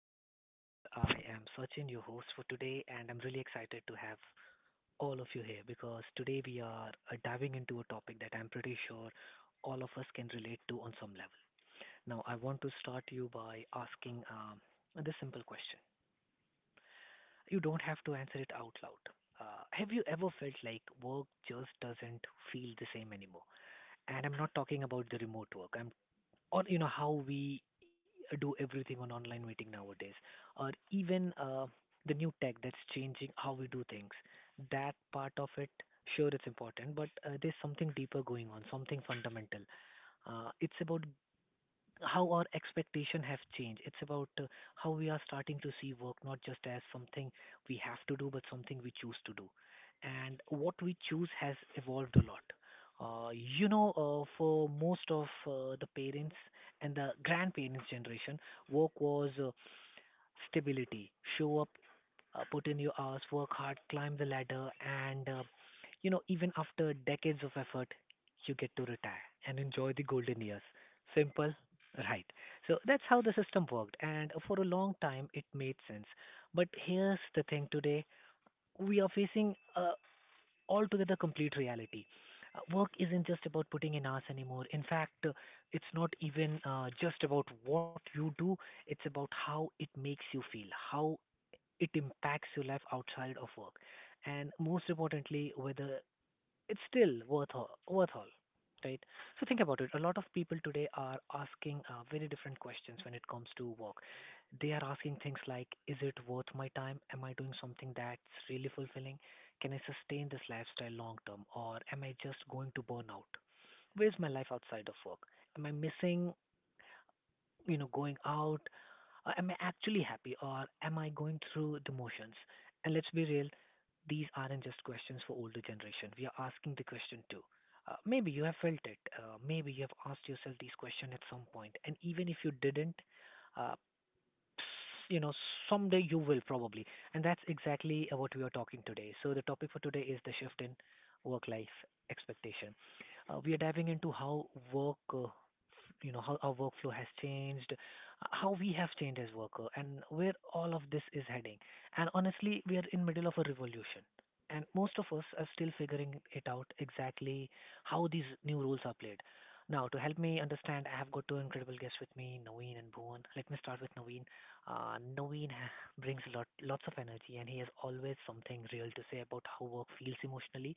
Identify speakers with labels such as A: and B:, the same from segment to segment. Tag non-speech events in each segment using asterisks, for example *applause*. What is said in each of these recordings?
A: to the podcast. I am Sachin, your host for today, and I'm really excited to have all of you here because today we are diving into a topic that I'm pretty sure all of us can relate to on some level. Now, I want to start you by asking this simple question. You don't have to answer it out loud. Have you ever felt like work just doesn't feel the same anymore? And I'm not talking about the remote work. I'm on you know how we do everything on online meeting nowadays, or even the new tech that's changing how we do things. That part of it, sure, it's important, but there's something deeper going on, something fundamental. It's about how our expectation have changed. It's about how we are starting to see work not just as something we have to do, but something we choose to do. And what we choose has evolved a lot. Uh, for most of the parents and the grandparents generation, work was stability, show up, put in your hours, work hard, climb the ladder, and you know, even after decades of effort, you get to retire and enjoy the golden years. Simple, right? So that's how the system worked, and for a long time it made sense. But here's the thing, today we are facing a altogether complete reality. Work isn't just about putting in hours anymore. In fact, it's not even just about what you do, it's about how it makes you feel, how it impacts your life outside of work, and most importantly whether it's still worth all right. So think about it, a lot of people today are asking very different questions when it comes to work. They are asking things like, is it worth my time? Am I doing something that's really fulfilling? Can I sustain this lifestyle long term, or am I just going to burn out? Where's my life outside of work? Am I missing, you know, going out? Am I actually happy, or am I going through the motions? And let's be real, these aren't just questions for older generation. We are asking the question too. Maybe you have felt it. Maybe you have asked yourself these questions at some point. And even if you didn't, uh, you know someday you will probably, and that's exactly what we are talking today. So the topic for today is the shift in work life expectation. We are diving into how work, you know, how our workflow has changed, how we have changed as worker, and where all of this is heading. And honestly, we are in middle of a revolution, and most of us are still figuring it out exactly how these new rules are played. Now, to help me understand, I have got two incredible guests with me, Naveen and Bhuvan. Let me start with Naveen. Naveen *laughs* brings lots of energy, and he has always something real to say about how work feels emotionally.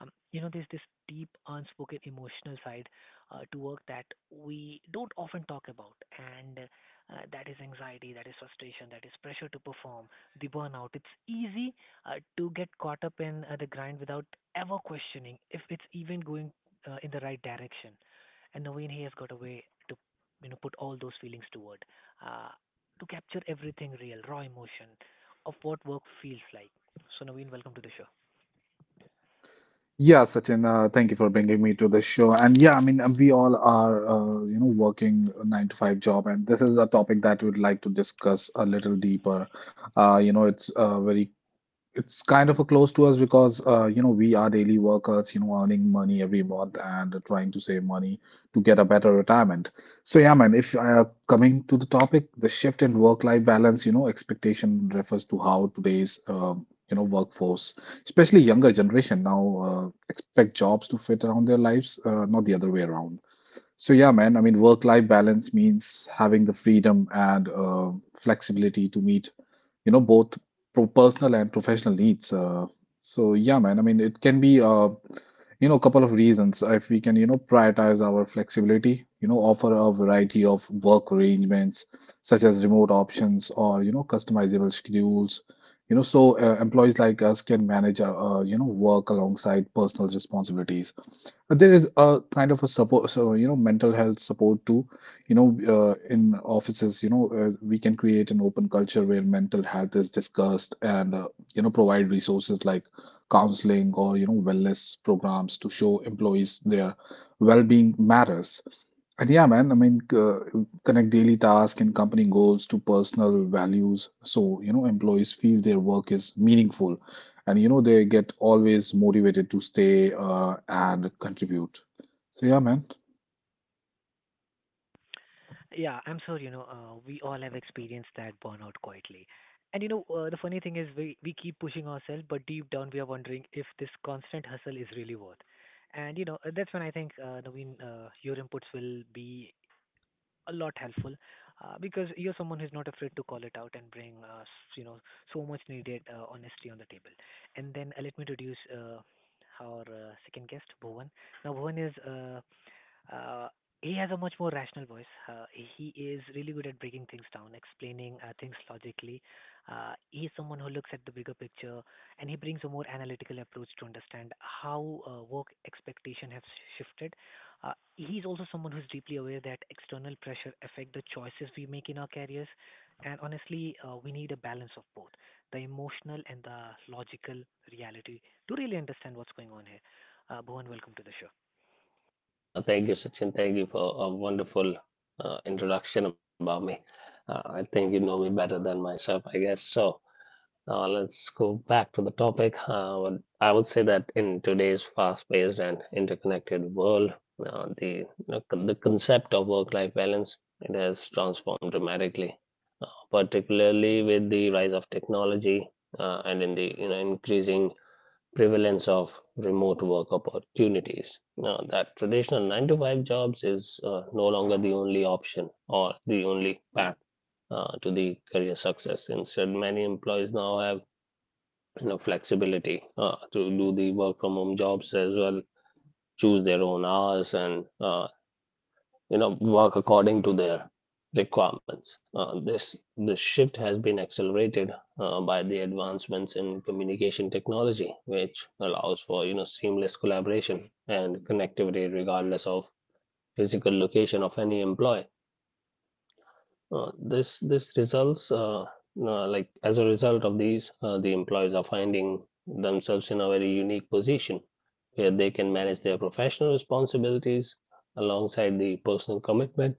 A: You know, there's this deep, unspoken emotional side to work that we don't often talk about, and that is anxiety, that is frustration, that is pressure to perform, the burnout. It's easy to get caught up in the grind without ever questioning if it's even going in the right direction. And Naveen, he has got a way to, you know, put all those feelings toward, uh, to capture everything real, raw emotion of what work feels like. So Naveen, welcome to the show.
B: Yeah, Sachin, thank you for bringing me to this show. And yeah, I mean, we all are, you know, working a 9 to 5 job, and this is a topic that we'd like to discuss a little deeper. You know, it's kind of a close to us because you know, we are daily workers, you know, earning money every month and trying to save money to get a better retirement. So yeah, man. If coming to the topic, the shift in work-life balance, you know, expectation refers to how today's you know, workforce, especially younger generation, now expect jobs to fit around their lives, not the other way around. So yeah, man, I mean, work-life balance means having the freedom and flexibility to meet, you know, both pro personal and professional needs. So yeah, man, I mean, it can be you know, a couple of reasons. If we can, you know, prioritize our flexibility, you know, offer a variety of work arrangements such as remote options or, you know, customizable schedules, you know, so employees like us can manage, you know, work alongside personal responsibilities. There is a kind of a support, so you know, mental health support too. You know, in offices, you know, we can create an open culture where mental health is discussed, and you know, provide resources like counseling or you know, wellness programs to show employees their well-being matters. And yeah, man, I mean, connect daily tasks and company goals to personal values, so you know, employees feel their work is meaningful, and you know, they get always motivated to stay and contribute. So yeah, man.
A: Yeah, I'm sure, you know, we all have experienced that burnout quietly. And you know, the funny thing is we keep pushing ourselves, but deep down we are wondering if this constant hustle is really worth. And you know, that's when I think, Naveen, your inputs will be a lot helpful because you're someone who's not afraid to call it out and bring, you know, so much needed honesty on the table. And then let me introduce our second guest, Bhuvan. Now, Bhuvan is uh, he has a much more rational voice. He is really good at breaking things down, explaining things logically. He is someone who looks at the bigger picture, and he brings a more analytical approach to understand how work expectation has shifted. He is also someone who is deeply aware that external pressure affect the choices we make in our careers, and honestly, we need a balance of both, the emotional and the logical reality, to really understand what's going on here. Bhuvan, welcome to the show.
C: No, thank you, Sachin. Thank you for a wonderful introduction about me. I think you know me better than myself, I guess. So let's go back to the topic. I would say that in today's fast-paced and interconnected world, the concept of work-life balance, it has transformed dramatically, particularly with the rise of technology, and in the increasing prevalence of remote work opportunities. Now, that traditional 9 to 5 jobs is no longer the only option or the only path to the career success. Instead, many employees now have, you know, flexibility to do the work from home jobs as well, choose their own hours, and work according to their requirements. This shift has been accelerated by the advancements in communication technology, which allows for, seamless collaboration and connectivity regardless of physical location of any employee. This this results like as a result of these, the employees are finding themselves in a very unique position where they can manage their professional responsibilities alongside the personal commitment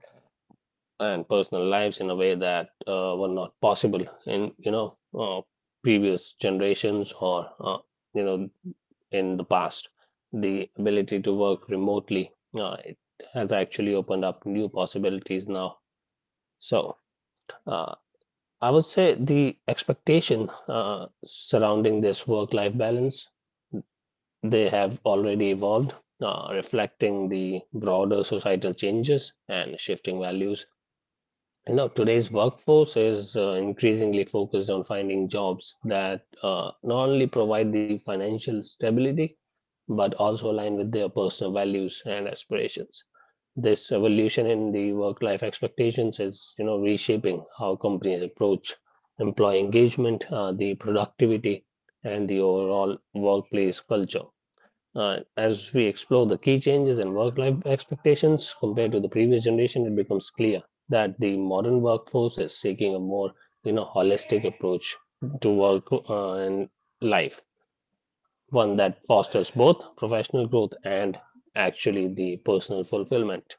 C: and personal lives in a way that were not possible in previous generations, or you know in the past. The ability to work remotely, it has actually opened up new possibilities now. So, uh, I would say the expectation surrounding this work-life balance, they have already evolved, reflecting the broader societal changes and shifting values. You know, today's workforce is increasingly focused on finding jobs that not only provide the financial stability, but also align with their personal values and aspirations. This evolution in the work-life expectations is, you know, reshaping how companies approach employee engagement, the productivity, and the overall workplace culture. As we explore the key changes in work life expectations compared to the previous generation, it becomes clear that the modern workforce is seeking a more, you know, holistic approach to work and life, one that fosters both professional growth and actually the personal fulfillment.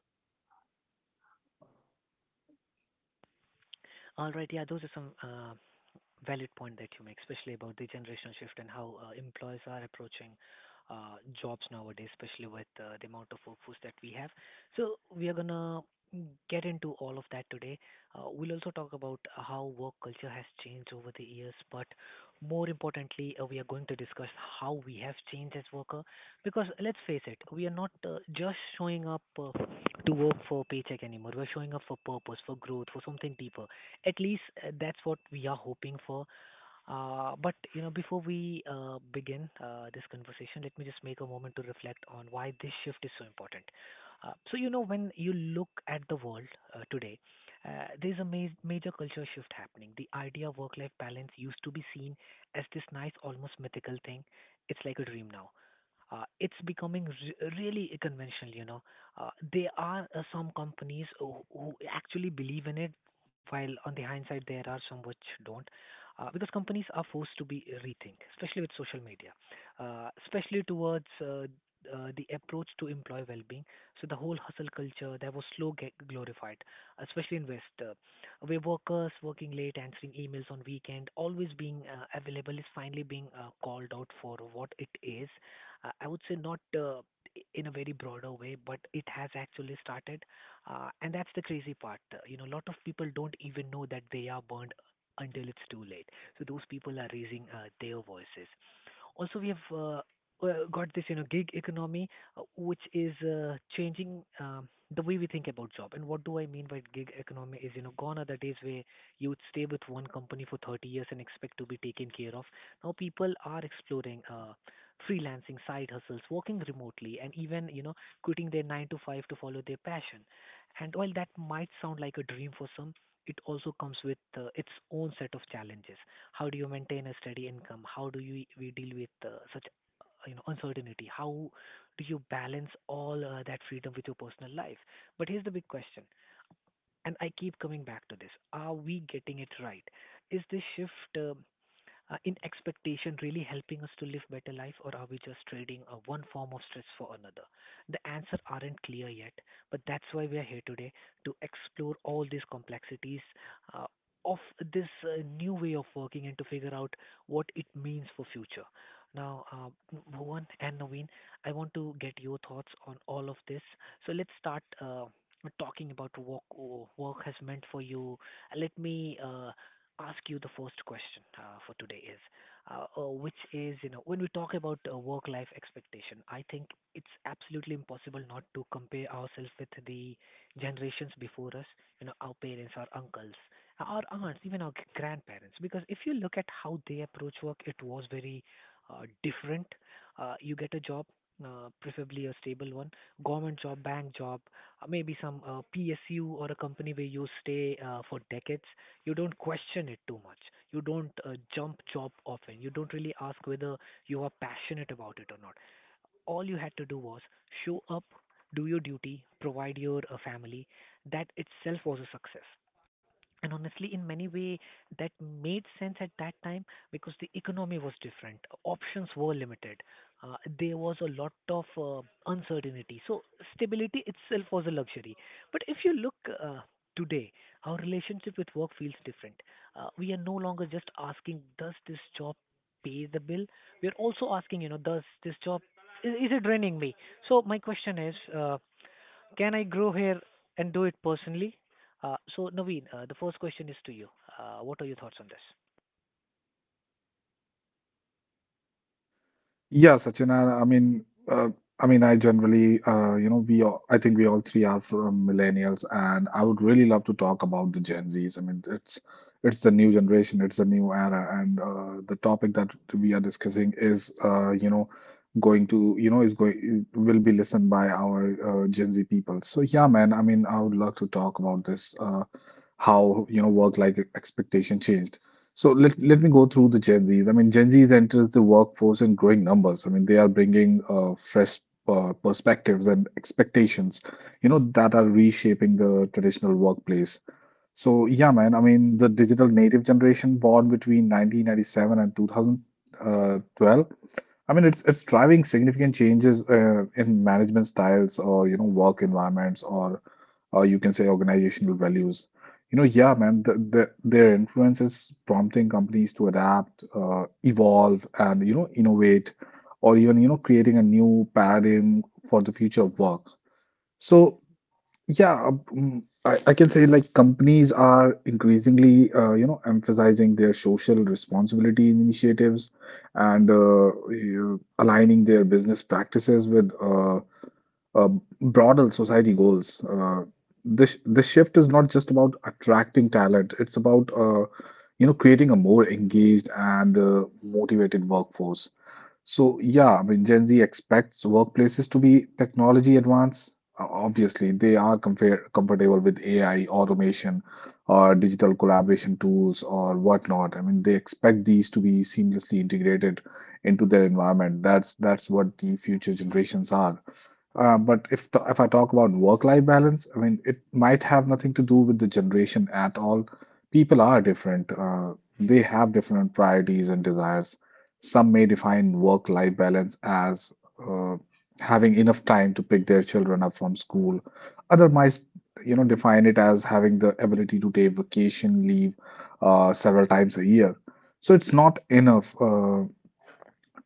A: All right. Yeah, those are some valid point that you make, especially about the generational shift and how employers are approaching jobs nowadays, especially with the amount of workforce that we have. So we are gonna get into all of that today. We'll also talk about how work culture has changed over the years, but more importantly, we are going to discuss how we have changed as worker. Because let's face it, we are not just showing up to work for paycheck anymore. We're showing up for purpose, for growth, for something deeper. At least that's what we are hoping for. But you know, before we begin this conversation, let me just make a moment to reflect on why this shift is so important. So you know, when you look at the world today, there's a major culture shift happening. The idea of work-life balance used to be seen as this nice, almost mythical thing. It's like a dream now, it's becoming really conventional. You know, there are some companies who actually believe in it, while on the hindsight there are some which don't, because companies are forced to be rethink, especially with social media, especially towards the approach to employee well-being. So the whole hustle culture that was slow get glorified, especially in West, where workers working late, answering emails on weekend, always being available is finally being called out for what it is. I would say not. In a very broader way, but it has actually started, and that's the crazy part. You know, a lot of people don't even know that they are burned until it's too late. So those people are raising their voices. Also, we have got this, you know, gig economy, which is changing the way we think about job. And what do I mean by gig economy? Is you know, gone are the days where you would stay with one company for 30 years and expect to be taken care of. Now people are exploring freelancing, side hustles, working remotely, and even you know, quitting their nine to five to follow their passion. And while that might sound like a dream for some, it also comes with its own set of challenges. How do you maintain a steady income? How do you we deal with such you know uncertainty? How do you balance all that freedom with your personal life? But here's the big question, and I keep coming back to this: are we getting it right? Is this shift in expectation really helping us to live better life, or are we just trading one form of stress for another? The answer aren't clear yet, but that's why we are here today, to explore all these complexities uh, of this new way of working, and to figure out what it means for future. Now, Bhuvan and Naveen, I want to get your thoughts on all of this. So let's start talking about what work has meant for you. Let me ask you the first question for today is, which is, you know, when we talk about work-life expectation, I think it's absolutely impossible not to compare ourselves with the generations before us, you know, our parents, our uncles, our aunts, even our grandparents. Because if you look at how they approach work, it was very different. You get a job. Preferably a stable one, government job, bank job, maybe some PSU or a company where you stay for decades. You don't question it too much. You don't jump job often. You don't really ask whether you are passionate about it or not. All you had to do was show up, do your duty, provide your family. That itself was a success, and honestly in many way that made sense at that time because the economy was different, options were limited, there was a lot of uncertainty, so stability itself was a luxury. But if you look, uh, today our relationship with work feels different. Uh, we are no longer just asking, does this job pay the bill? We are also asking, you know, does this job, is it draining me? So my question is, can I grow hair and do it personally? So, Naveen, the first question is to you. What are your thoughts on this?
B: Yeah, Sachin, I mean, I mean, I generally, you know, we all, I think we all three are from millennials, and I would really love to talk about the Gen Zs. I mean, it's the new generation, it's the new era, and the topic that we are discussing is, you know, going to, you know, is going will be listened by our Gen Z people. So yeah, man, I mean, I would love to talk about this, how, you know, work-life expectation changed. So let me go through the Gen Zs. I mean, Gen Zs enters the workforce in growing numbers. I mean, they are bringing fresh perspectives and expectations, you know, that are reshaping the traditional workplace. So yeah, man. I mean, the digital native generation born between 1997 and 2012. I mean, it's driving significant changes in management styles or you know, work environments, or you can say organizational values. You know, yeah, man, their influence is prompting companies to adapt, evolve, and you know, innovate, or even you know, creating a new paradigm for the future of work. So, yeah, I can say, like, companies are increasingly, you know, emphasizing their social responsibility initiatives and aligning their business practices with uh, broader society goals. This this shift is not just about attracting talent; it's about you know, creating a more engaged and motivated workforce. So yeah, I mean, Gen Z expects workplaces to be technology advanced. Obviously, they are comfortable with AI, automation, or digital collaboration tools or whatnot. I mean, they expect these to be seamlessly integrated into their environment. That's what the future generations are. But if I talk about work-life balance, I mean, it might have nothing to do with the generation at all. People are different. They have different priorities and desires. Some may define work-life balance as uh, having enough time to pick their children up from school. Others might, you know, define it as having the ability to take vacation leave several times a year. So it's not enough.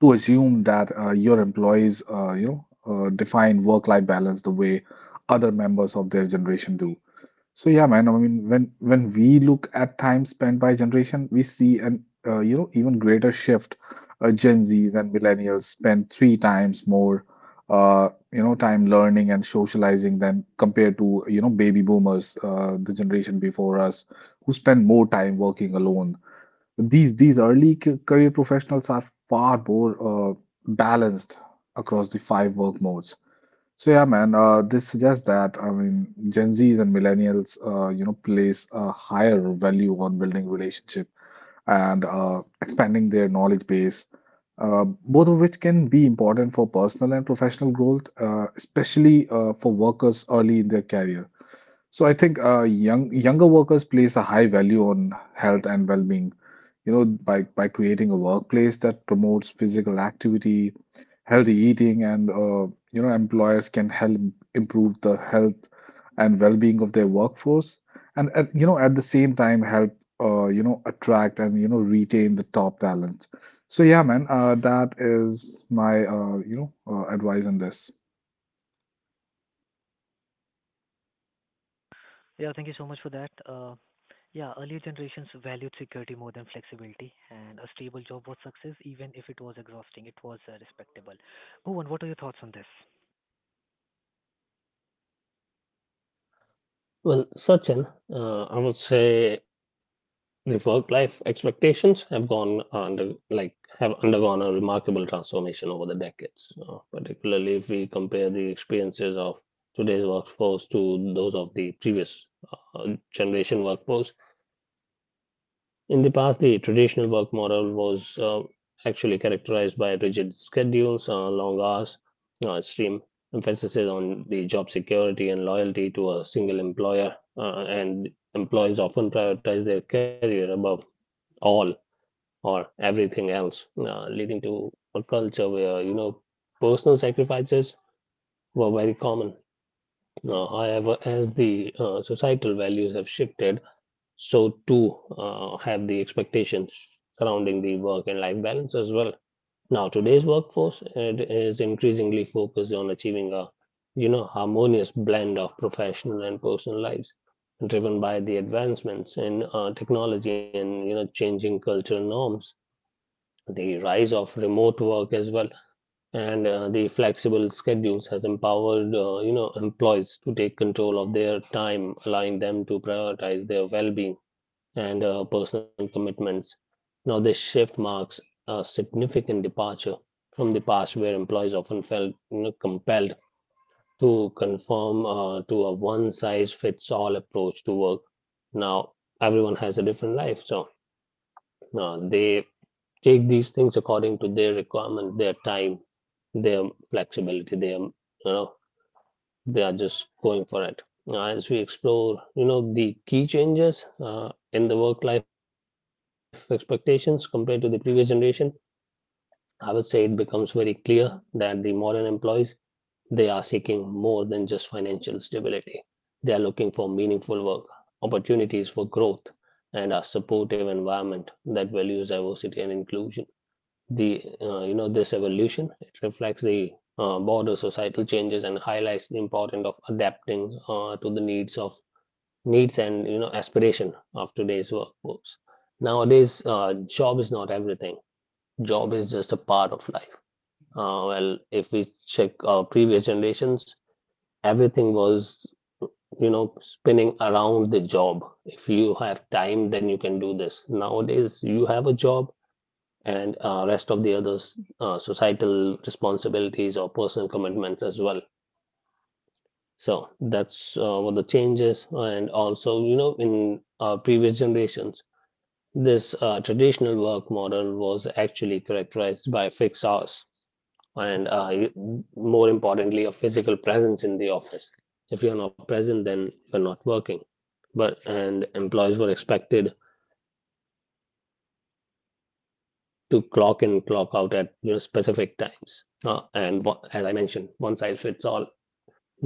B: To assume that your employees, you know, define work-life balance the way other members of their generation do. So yeah, man. I mean, when we look at time spent by generation, we see an you know, even greater shift. Gen Zs and millennials spend three times more, you know, time learning and socializing than compared to you know, baby boomers, the generation before us, who spend more time working alone. These early career professionals are far more balanced across the five work modes. So yeah, man, this suggests that, I mean, Gen Zs and millennials, you know, place a higher value on building relationship and expanding their knowledge base, both of which can be important for personal and professional growth, especially for workers early in their career. So I think younger workers place a high value on health and well-being. You know, by creating a workplace that promotes physical activity, healthy eating, and you know, employers can help improve the health and well-being of their workforce, and at, you know, at the same time help you know, attract and you know, retain the top talent. So yeah, man, that is my you know, advice on this.
A: Yeah, thank you so much for that. Yeah, earlier generations valued security more than flexibility, and a stable job was success, even if it was exhausting. It was respectable. Bhuvan, what are your thoughts on this?
C: Well, Sachin, I would say the work-life expectations have gone under like have undergone a remarkable transformation over the decades, particularly if we compare the experiences of today's workforce to those of the previous generation workforce. In the past, the traditional work model was actually characterized by rigid schedules, long hours, extreme emphasis on the job security and loyalty to a single employer, and employees often prioritize their career above all or everything else, leading to a culture where, you know, personal sacrifices were very common. However, as the societal values have shifted, so too have the expectations surrounding the work and life balance as well. Now, today's workforce, it is increasingly focused on achieving a, you know, harmonious blend of professional and personal lives, driven by the advancements in technology and, you know, changing cultural norms. The rise of remote work as well and the flexible schedules has empowered, you know, employees to take control of their time, allowing them to prioritize their well-being and personal commitments. Now, this shift marks a significant departure from the past, where employees often felt, you know, compelled to conform to a one-size-fits-all approach to work. Now, everyone has a different life, so they take these things according to their requirement, their time, their flexibility. You know, they are just going for it. Now, as we explore, you know, the key changes in the work life expectations compared to the previous generation, I would say it becomes very clear that the modern employees, they are seeking more than just financial stability. They are looking for meaningful work, opportunities for growth, and a supportive environment that values diversity and inclusion. The uh, you know this evolution, it reflects the broader societal changes and highlights the importance of adapting to the needs and, you know, aspiration of today's workforce. Nowadays, job is not everything. Job is just a part of life. Well, if we check our previous generations, everything was, you know, spinning around the job. If you have time, then you can do this. Nowadays, you have a job, and rest of the others, societal responsibilities or personal commitments as well. So that's what the change is. And also, you know, in previous generations, this traditional work model was actually characterized by fixed hours and more importantly a physical presence in the office. If you're not present, then you're not working. But and employees were expected to clock in, clock out at, you know, specific times. As I mentioned, one size fits all. 9 to 5 would be the timing.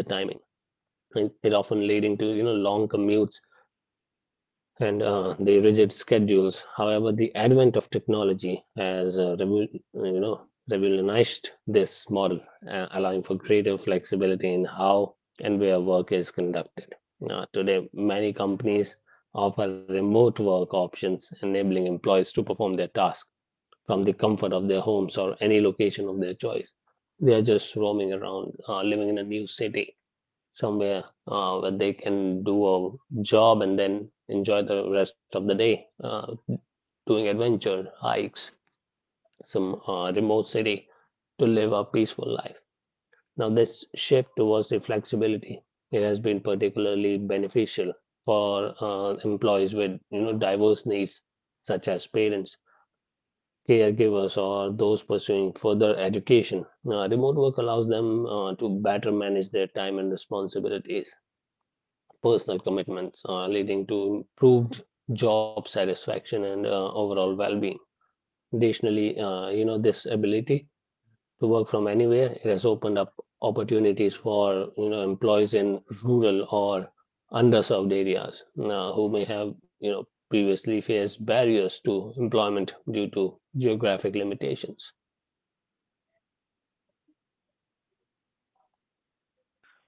C: It often leading to, you know, long commutes and the rigid schedules. However, the advent of technology has uh, you know revolutionized this model, allowing for greater flexibility in how and where work is conducted. Today, many companies offer remote work options, enabling employees to perform their tasks from the comfort of their homes or any location of their choice. They are just roaming around, living in a new city somewhere where they can do a job and then enjoy the rest of the day doing adventure hikes, some remote city to live a peaceful life. Now, this shift towards the flexibility, it has been particularly beneficial for employees with, you know, diverse needs, such as parents, caregivers, or those pursuing further education. Now, remote work allows them to better manage their time and responsibilities, personal commitments, leading to improved job satisfaction and overall well-being. Additionally, you know, this ability to work from anywhere, it has opened up opportunities for, you know, employees in rural or underserved areas who may have, you know, previously faced barriers to employment due to geographic limitations.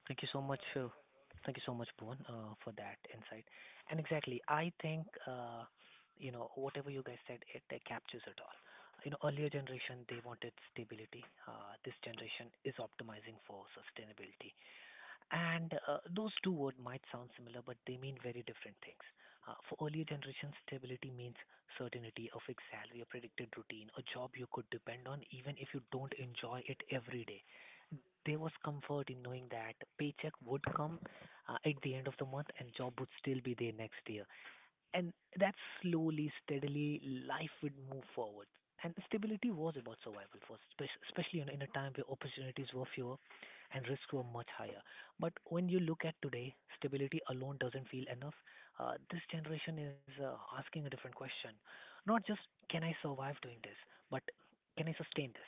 A: Thank you so much. Thank you so much, Bhuvan, for that insight. And exactly, I think you know, whatever you guys said, it captures it all. You know, earlier generation, they wanted stability. This generation is optimizing for sustainability. And those two words might sound similar, but they mean very different things. For earlier generation, stability means certainty, a fixed salary, a predicted routine, a job you could depend on even if you don't enjoy it every day. There was comfort in knowing that paycheck would come at the end of the month, and job would still be there next year. And that slowly, steadily, life would move forward. And stability was about survival, for especially in a time where opportunities were fewer and risks were much higher. But when you look at today, stability alone doesn't feel enough. This generation is asking a different question. Not just, can I survive doing this, but can I sustain this?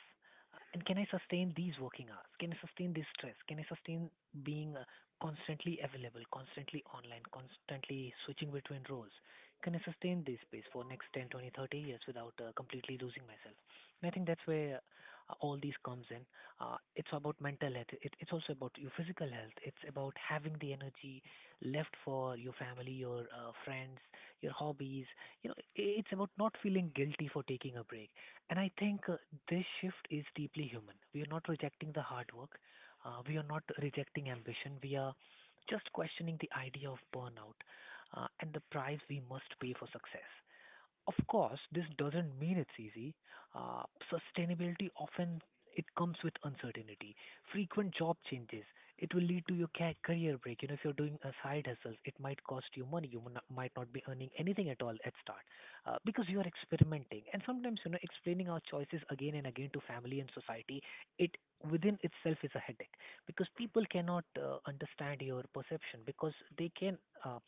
A: And can I sustain these working hours? Can I sustain this stress? Can I sustain being constantly available, constantly online, constantly switching between roles? Can I sustain this pace for next 10, 20, 30 years without completely losing myself? And I think that's where all these comes in. It's about mental health. It's also about your physical health. It's about having the energy left for your family, your friends, your hobbies. You know, it's about not feeling guilty for taking a break. And I think this shift is deeply human. We are not rejecting the hard work. We are not rejecting ambition. We are just questioning the idea of burnout, and the price we must pay for success. Of course, this doesn't mean it's easy. Uh, Sustainability often it comes with uncertainty. Frequent job changes. It will lead to your career break. You know, if you're doing a side hustle, it might cost you money. You might not be earning anything at all at start because you are experimenting. And sometimes, you know, explaining our choices again and again to family and society, it within itself is a headache because people cannot understand your perception because they can. Uh,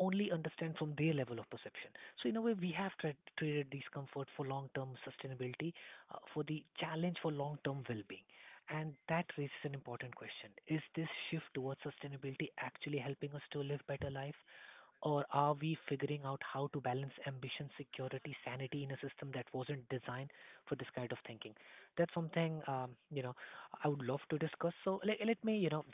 A: Only understand from their level of perception. So in a way, we have traded discomfort for long-term sustainability, for the challenge for long-term well-being. And that raises an important question. Is this shift towards sustainability actually helping us to live better life? Or are we figuring out how to balance ambition, security, sanity in a system that wasn't designed for this kind of thinking? That's something, you know, I would love to discuss. So let me, you know,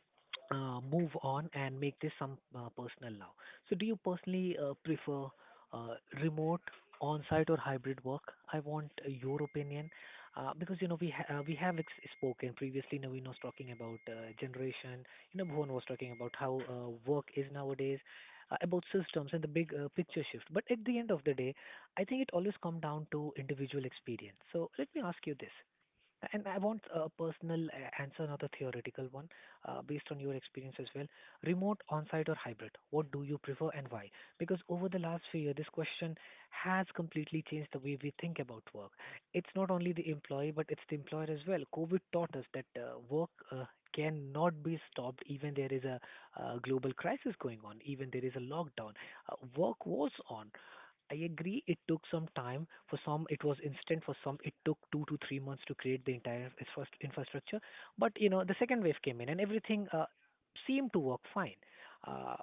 A: move on and make this some personal now. So do you personally prefer uh, remote, on-site or hybrid work? I want your opinion because you know we have spoken previously. Naveen was talking about generation. You know, Bhuvan was talking about how work is nowadays, about systems and the big picture shift. But at the end of the day, I think it always comes down to individual experience. So let me ask you this. And I want a personal answer, not a theoretical one, based on your experience as well. Remote, on-site, or hybrid? What do you prefer and why? Because over the last few years, this question has completely changed the way we think about work. It's not only the employee, but it's the employer as well. COVID taught us that work cannot be stopped, even there is a global crisis going on, even there is a lockdown. Work was on. I agree it took some time. For some, it was instant. For some, it took 2 to 3 months to create the entire infrastructure. But you know, the second wave came in, and everything seemed to work fine. Uh,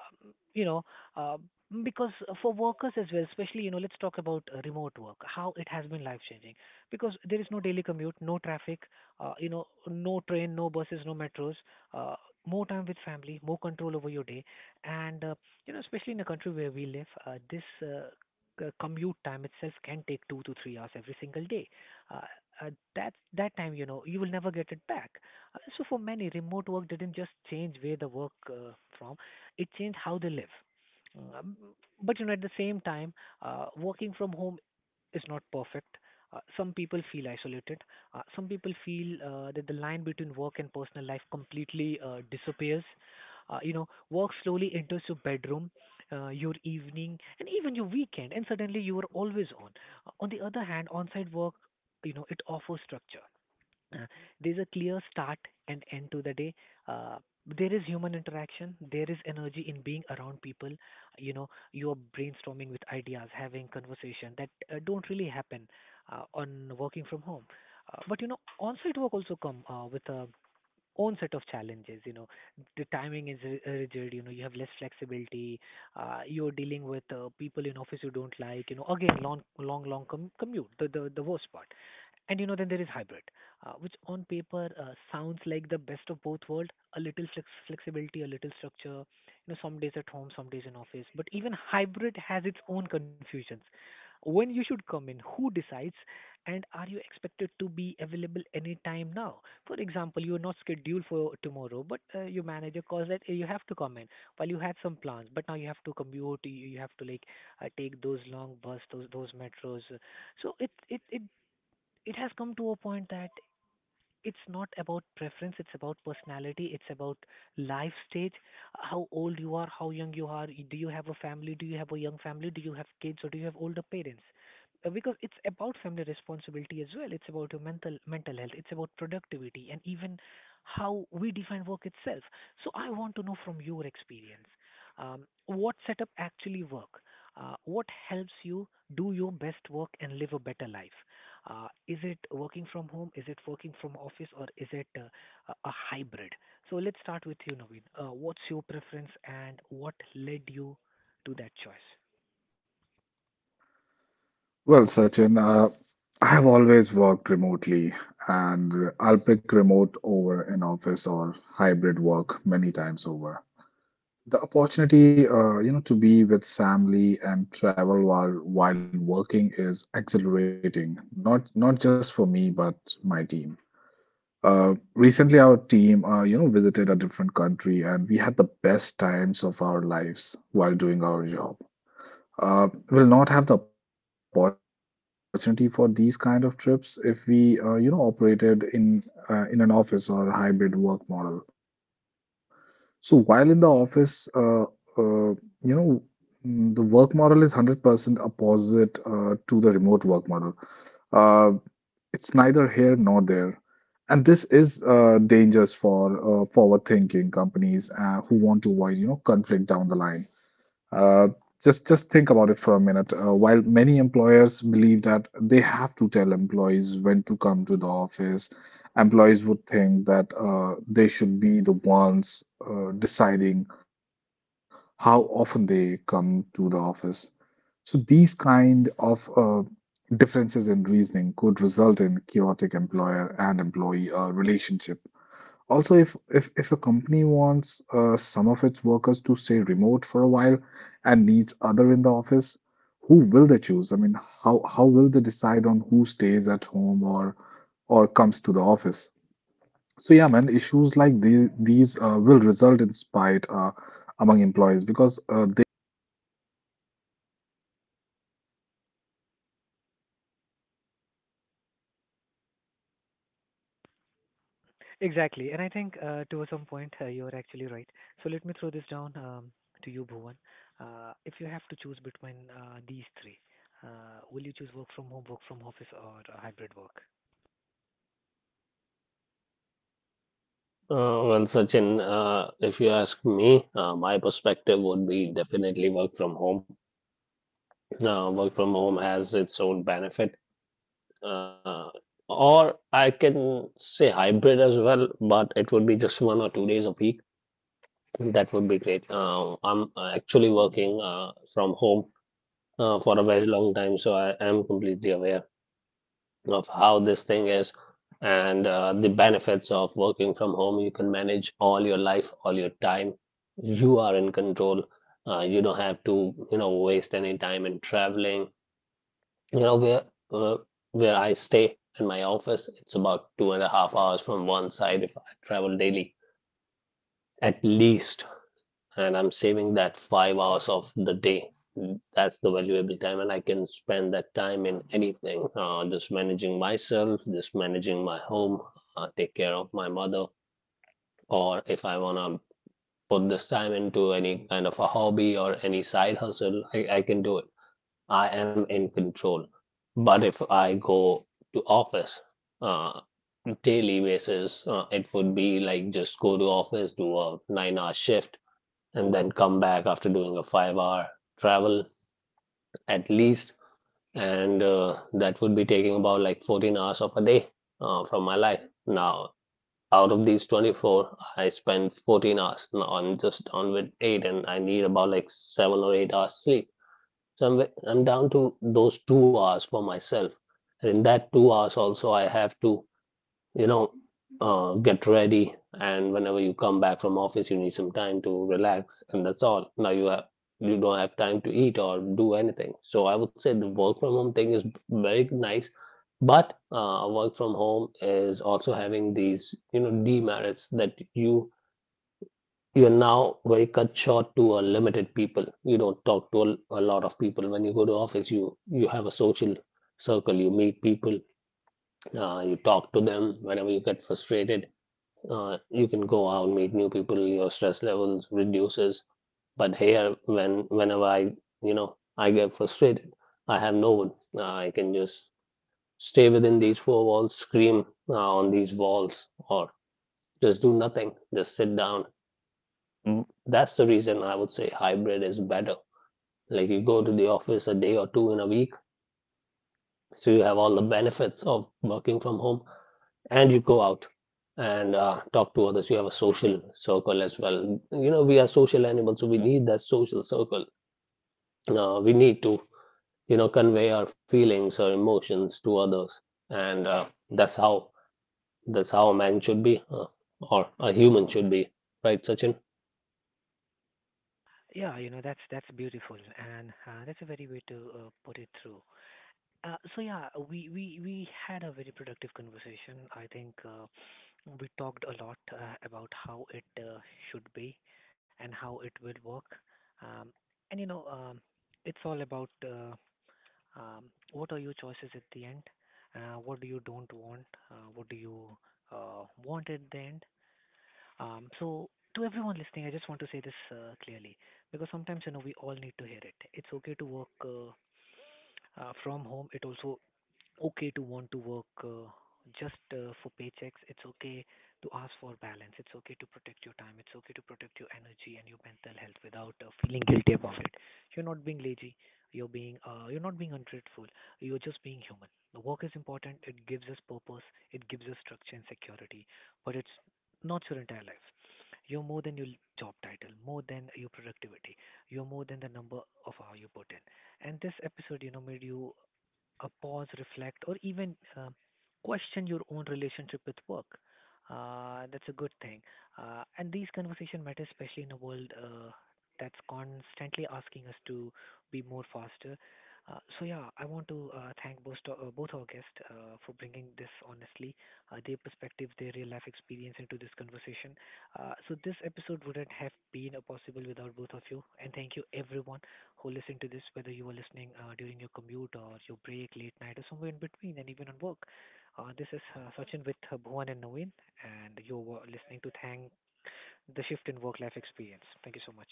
A: you know, uh, because for workers as well, especially you know, let's talk about remote work. How it has been life changing because there is no daily commute, no traffic, you know, no train, no buses, no metros. Uh, more time with family, more control over your day, and you know, especially in a country where we live, this commute time itself can take 2 to 3 hours every single day. Uh, that time, you know, you will never get it back. So for many, remote work didn't just change where the work from; it changed how they live. Um, but you know, at the same time, working from home is not perfect. Some people feel isolated. Some people feel that the line between work and personal life completely disappears. You know, work slowly enters your bedroom, your evening, and even your weekend, and suddenly you are always on. On the other hand, on-site work, you know, it offers structure. Uh, there's a clear start and end to the day. Uh, there is human interaction. There is energy in being around people. You know, you are brainstorming with ideas, having conversation that don't really happen on working from home. But you know, on-site work also come with a own set of challenges. You know, the timing is rigid. You know, you have less flexibility. You're dealing with people in office you don't like. You know, again, long, long, long commute. The worst part. And you know, then there is hybrid, which on paper sounds like the best of both worlds, a little flexibility, a little structure, you know, some days at home, some days in office. But even hybrid has its own confusions. When you should come in, who decides, and are you expected to be available anytime now? For example, you are not scheduled for tomorrow, but your manager calls that, "Hey, you have to come in." While you had some plans, but now you have to commute, you have to like take those long bus, those metros. So it has come to a point that it's not about preference, it's about personality, it's about life stage. How old you are, how young you are, do you have a family, do you have a young family, do you have kids, or do you have older parents? Because it's about family responsibility as well, it's about your mental health, it's about productivity, and even how we define work itself. So I want to know from your experience, um, what setup actually work, what helps you do your best work and live a better life. Is it working from home? Is it working from office, or is it a hybrid? So let's start with you, Naveen. What's your preference, and what led you to that choice?
B: Well, Sachin, I have always worked remotely, and I'll pick remote over an office or hybrid work many times over. The opportunity, you know, to be with family and travel while working is exhilarating, not just for me, but my team. Recently, our team, you know, visited a different country, and we had the best times of our lives while doing our job. Will not have the opportunity for these kind of trips if we you know, operated in an office or hybrid work model. So while in the office, you know, mm, the work model is 100% opposite to the remote work model. Uh, it's neither here nor there, and this is dangerous for forward thinking companies who want to avoid you know, conflict down the line. uh, just think about it for a minute. While many employers believe that they have to tell employees when to come to the office, employees would think that they should be the ones deciding how often they come to the office. So these kind of differences in reasoning could result in chaotic employer and employee relationship. Also, if a company wants some of its workers to stay remote for a while and needs other in the office, who will they choose? I mean, how will they decide on who stays at home or comes to the office? So yeah, man, issues like these will result in spite among employees because they could believe that there is a favoritism, and, that same happened in my office also. But yeah, man, who knows? Perhaps we may see many
A: Exactly. And I think to some point, you're actually right. So let me throw this down, to you, Bhuvan. If you have to choose between these three, will you choose work from home, work from office, or hybrid work?
C: Well, Sachin, if you ask me, my perspective would be definitely work from home. Work from home has its own benefit, uh, or I can say hybrid as well, but it would be just 1 or 2 days a week. That would be great. I'm actually working from home for a very long time, so I am completely aware of how this thing is and the benefits of working from home. You can manage all your life, all your time. You are in control. You don't have to, you know, waste any time in traveling. You know, uh, where I stay in my office, it's about 2.5 hours from one side if I travel daily, at least. And I'm saving that 5 hours of the day. That's the valuable time, and I can spend that time in anything. Just managing myself, just managing my home, take care of my mother, or if I wanna put this time into any kind of a hobby or any side hustle, I can do it. I am in control. But if I go to office uh, daily basis, it would be like just go to office, do a 9 hour shift, and then come back after doing a 5 hour travel, at least. And that would be taking about like 14 hours of a day from my life. Now, out of these 24, I spend 14 hours. Now I'm just on with eight, and I need about like 7 or 8 hours sleep. Somewhere I'm down to those 2 hours for myself, and in that 2 hours also I have to, you know, get ready. And whenever you come back from office, you need some time to relax, and that's all. Now you have you don't have time to eat or do anything. So I would say the work from home thing is very nice. But work from home is also having these, you know, demerits that you're now very cut short to a limited people. You don't talk to a lot of people. When you go to office, you have a social circle. You meet people. You talk to them. Whenever you get frustrated, you can go out, meet new people. Your stress levels reduces. But here, whenever I, you know, I get frustrated, I have no one. I can just stay within these four walls, scream on these walls, or just do nothing. Just sit down. That's the reason I would say hybrid is better. Like you go to the office a day or two in a week, so you have all the benefits of working from home, and you go out and talk to others. You have a social circle as well. You know, we are social animals, so we need that social circle. We need to, you know, convey our feelings or emotions to others, and that's how that's how a man should be, or a human should be, right, Sachin?
A: Yeah, you know, that's beautiful, and that's a very way to put it through. So yeah, we had a very productive conversation. I think we talked a lot about how it should be and how it will work. Um, and you know, it's all about um, what are your choices at the end? What do you don't want? What do you want at the end? So, to everyone listening, I just want to say this clearly because sometimes you know we all need to hear it. It's okay to work from home. It also okay to want to work just for paychecks. It's okay to ask for balance. It's okay to protect your time. It's okay to protect your energy and your mental health without feeling guilty about it. You're not being lazy. You're being you're not being ungrateful. You're just being human. The work is important. It gives us purpose. It gives us structure and security. But it's not your entire life. You're more than your job title, more than your productivity. You're more than the number of hours you put in. And this episode, you know, made you a pause, reflect, or even question your own relationship with work. That's a good thing. And these conversation matter especially in a world that's constantly asking us to be more faster. So, yeah, I want to thank both our guests for bringing this honestly, their perspective, their real life experience into this conversation. So this episode wouldn't have been possible without both of you, and thank you everyone who listen to this, whether you are listening during your commute or your break, late night, or somewhere in between, and even on work. This is Sachin with Bhuvan and Naveen, and you're listening to Thank the Shift in Work Life Experience. Thank you so much.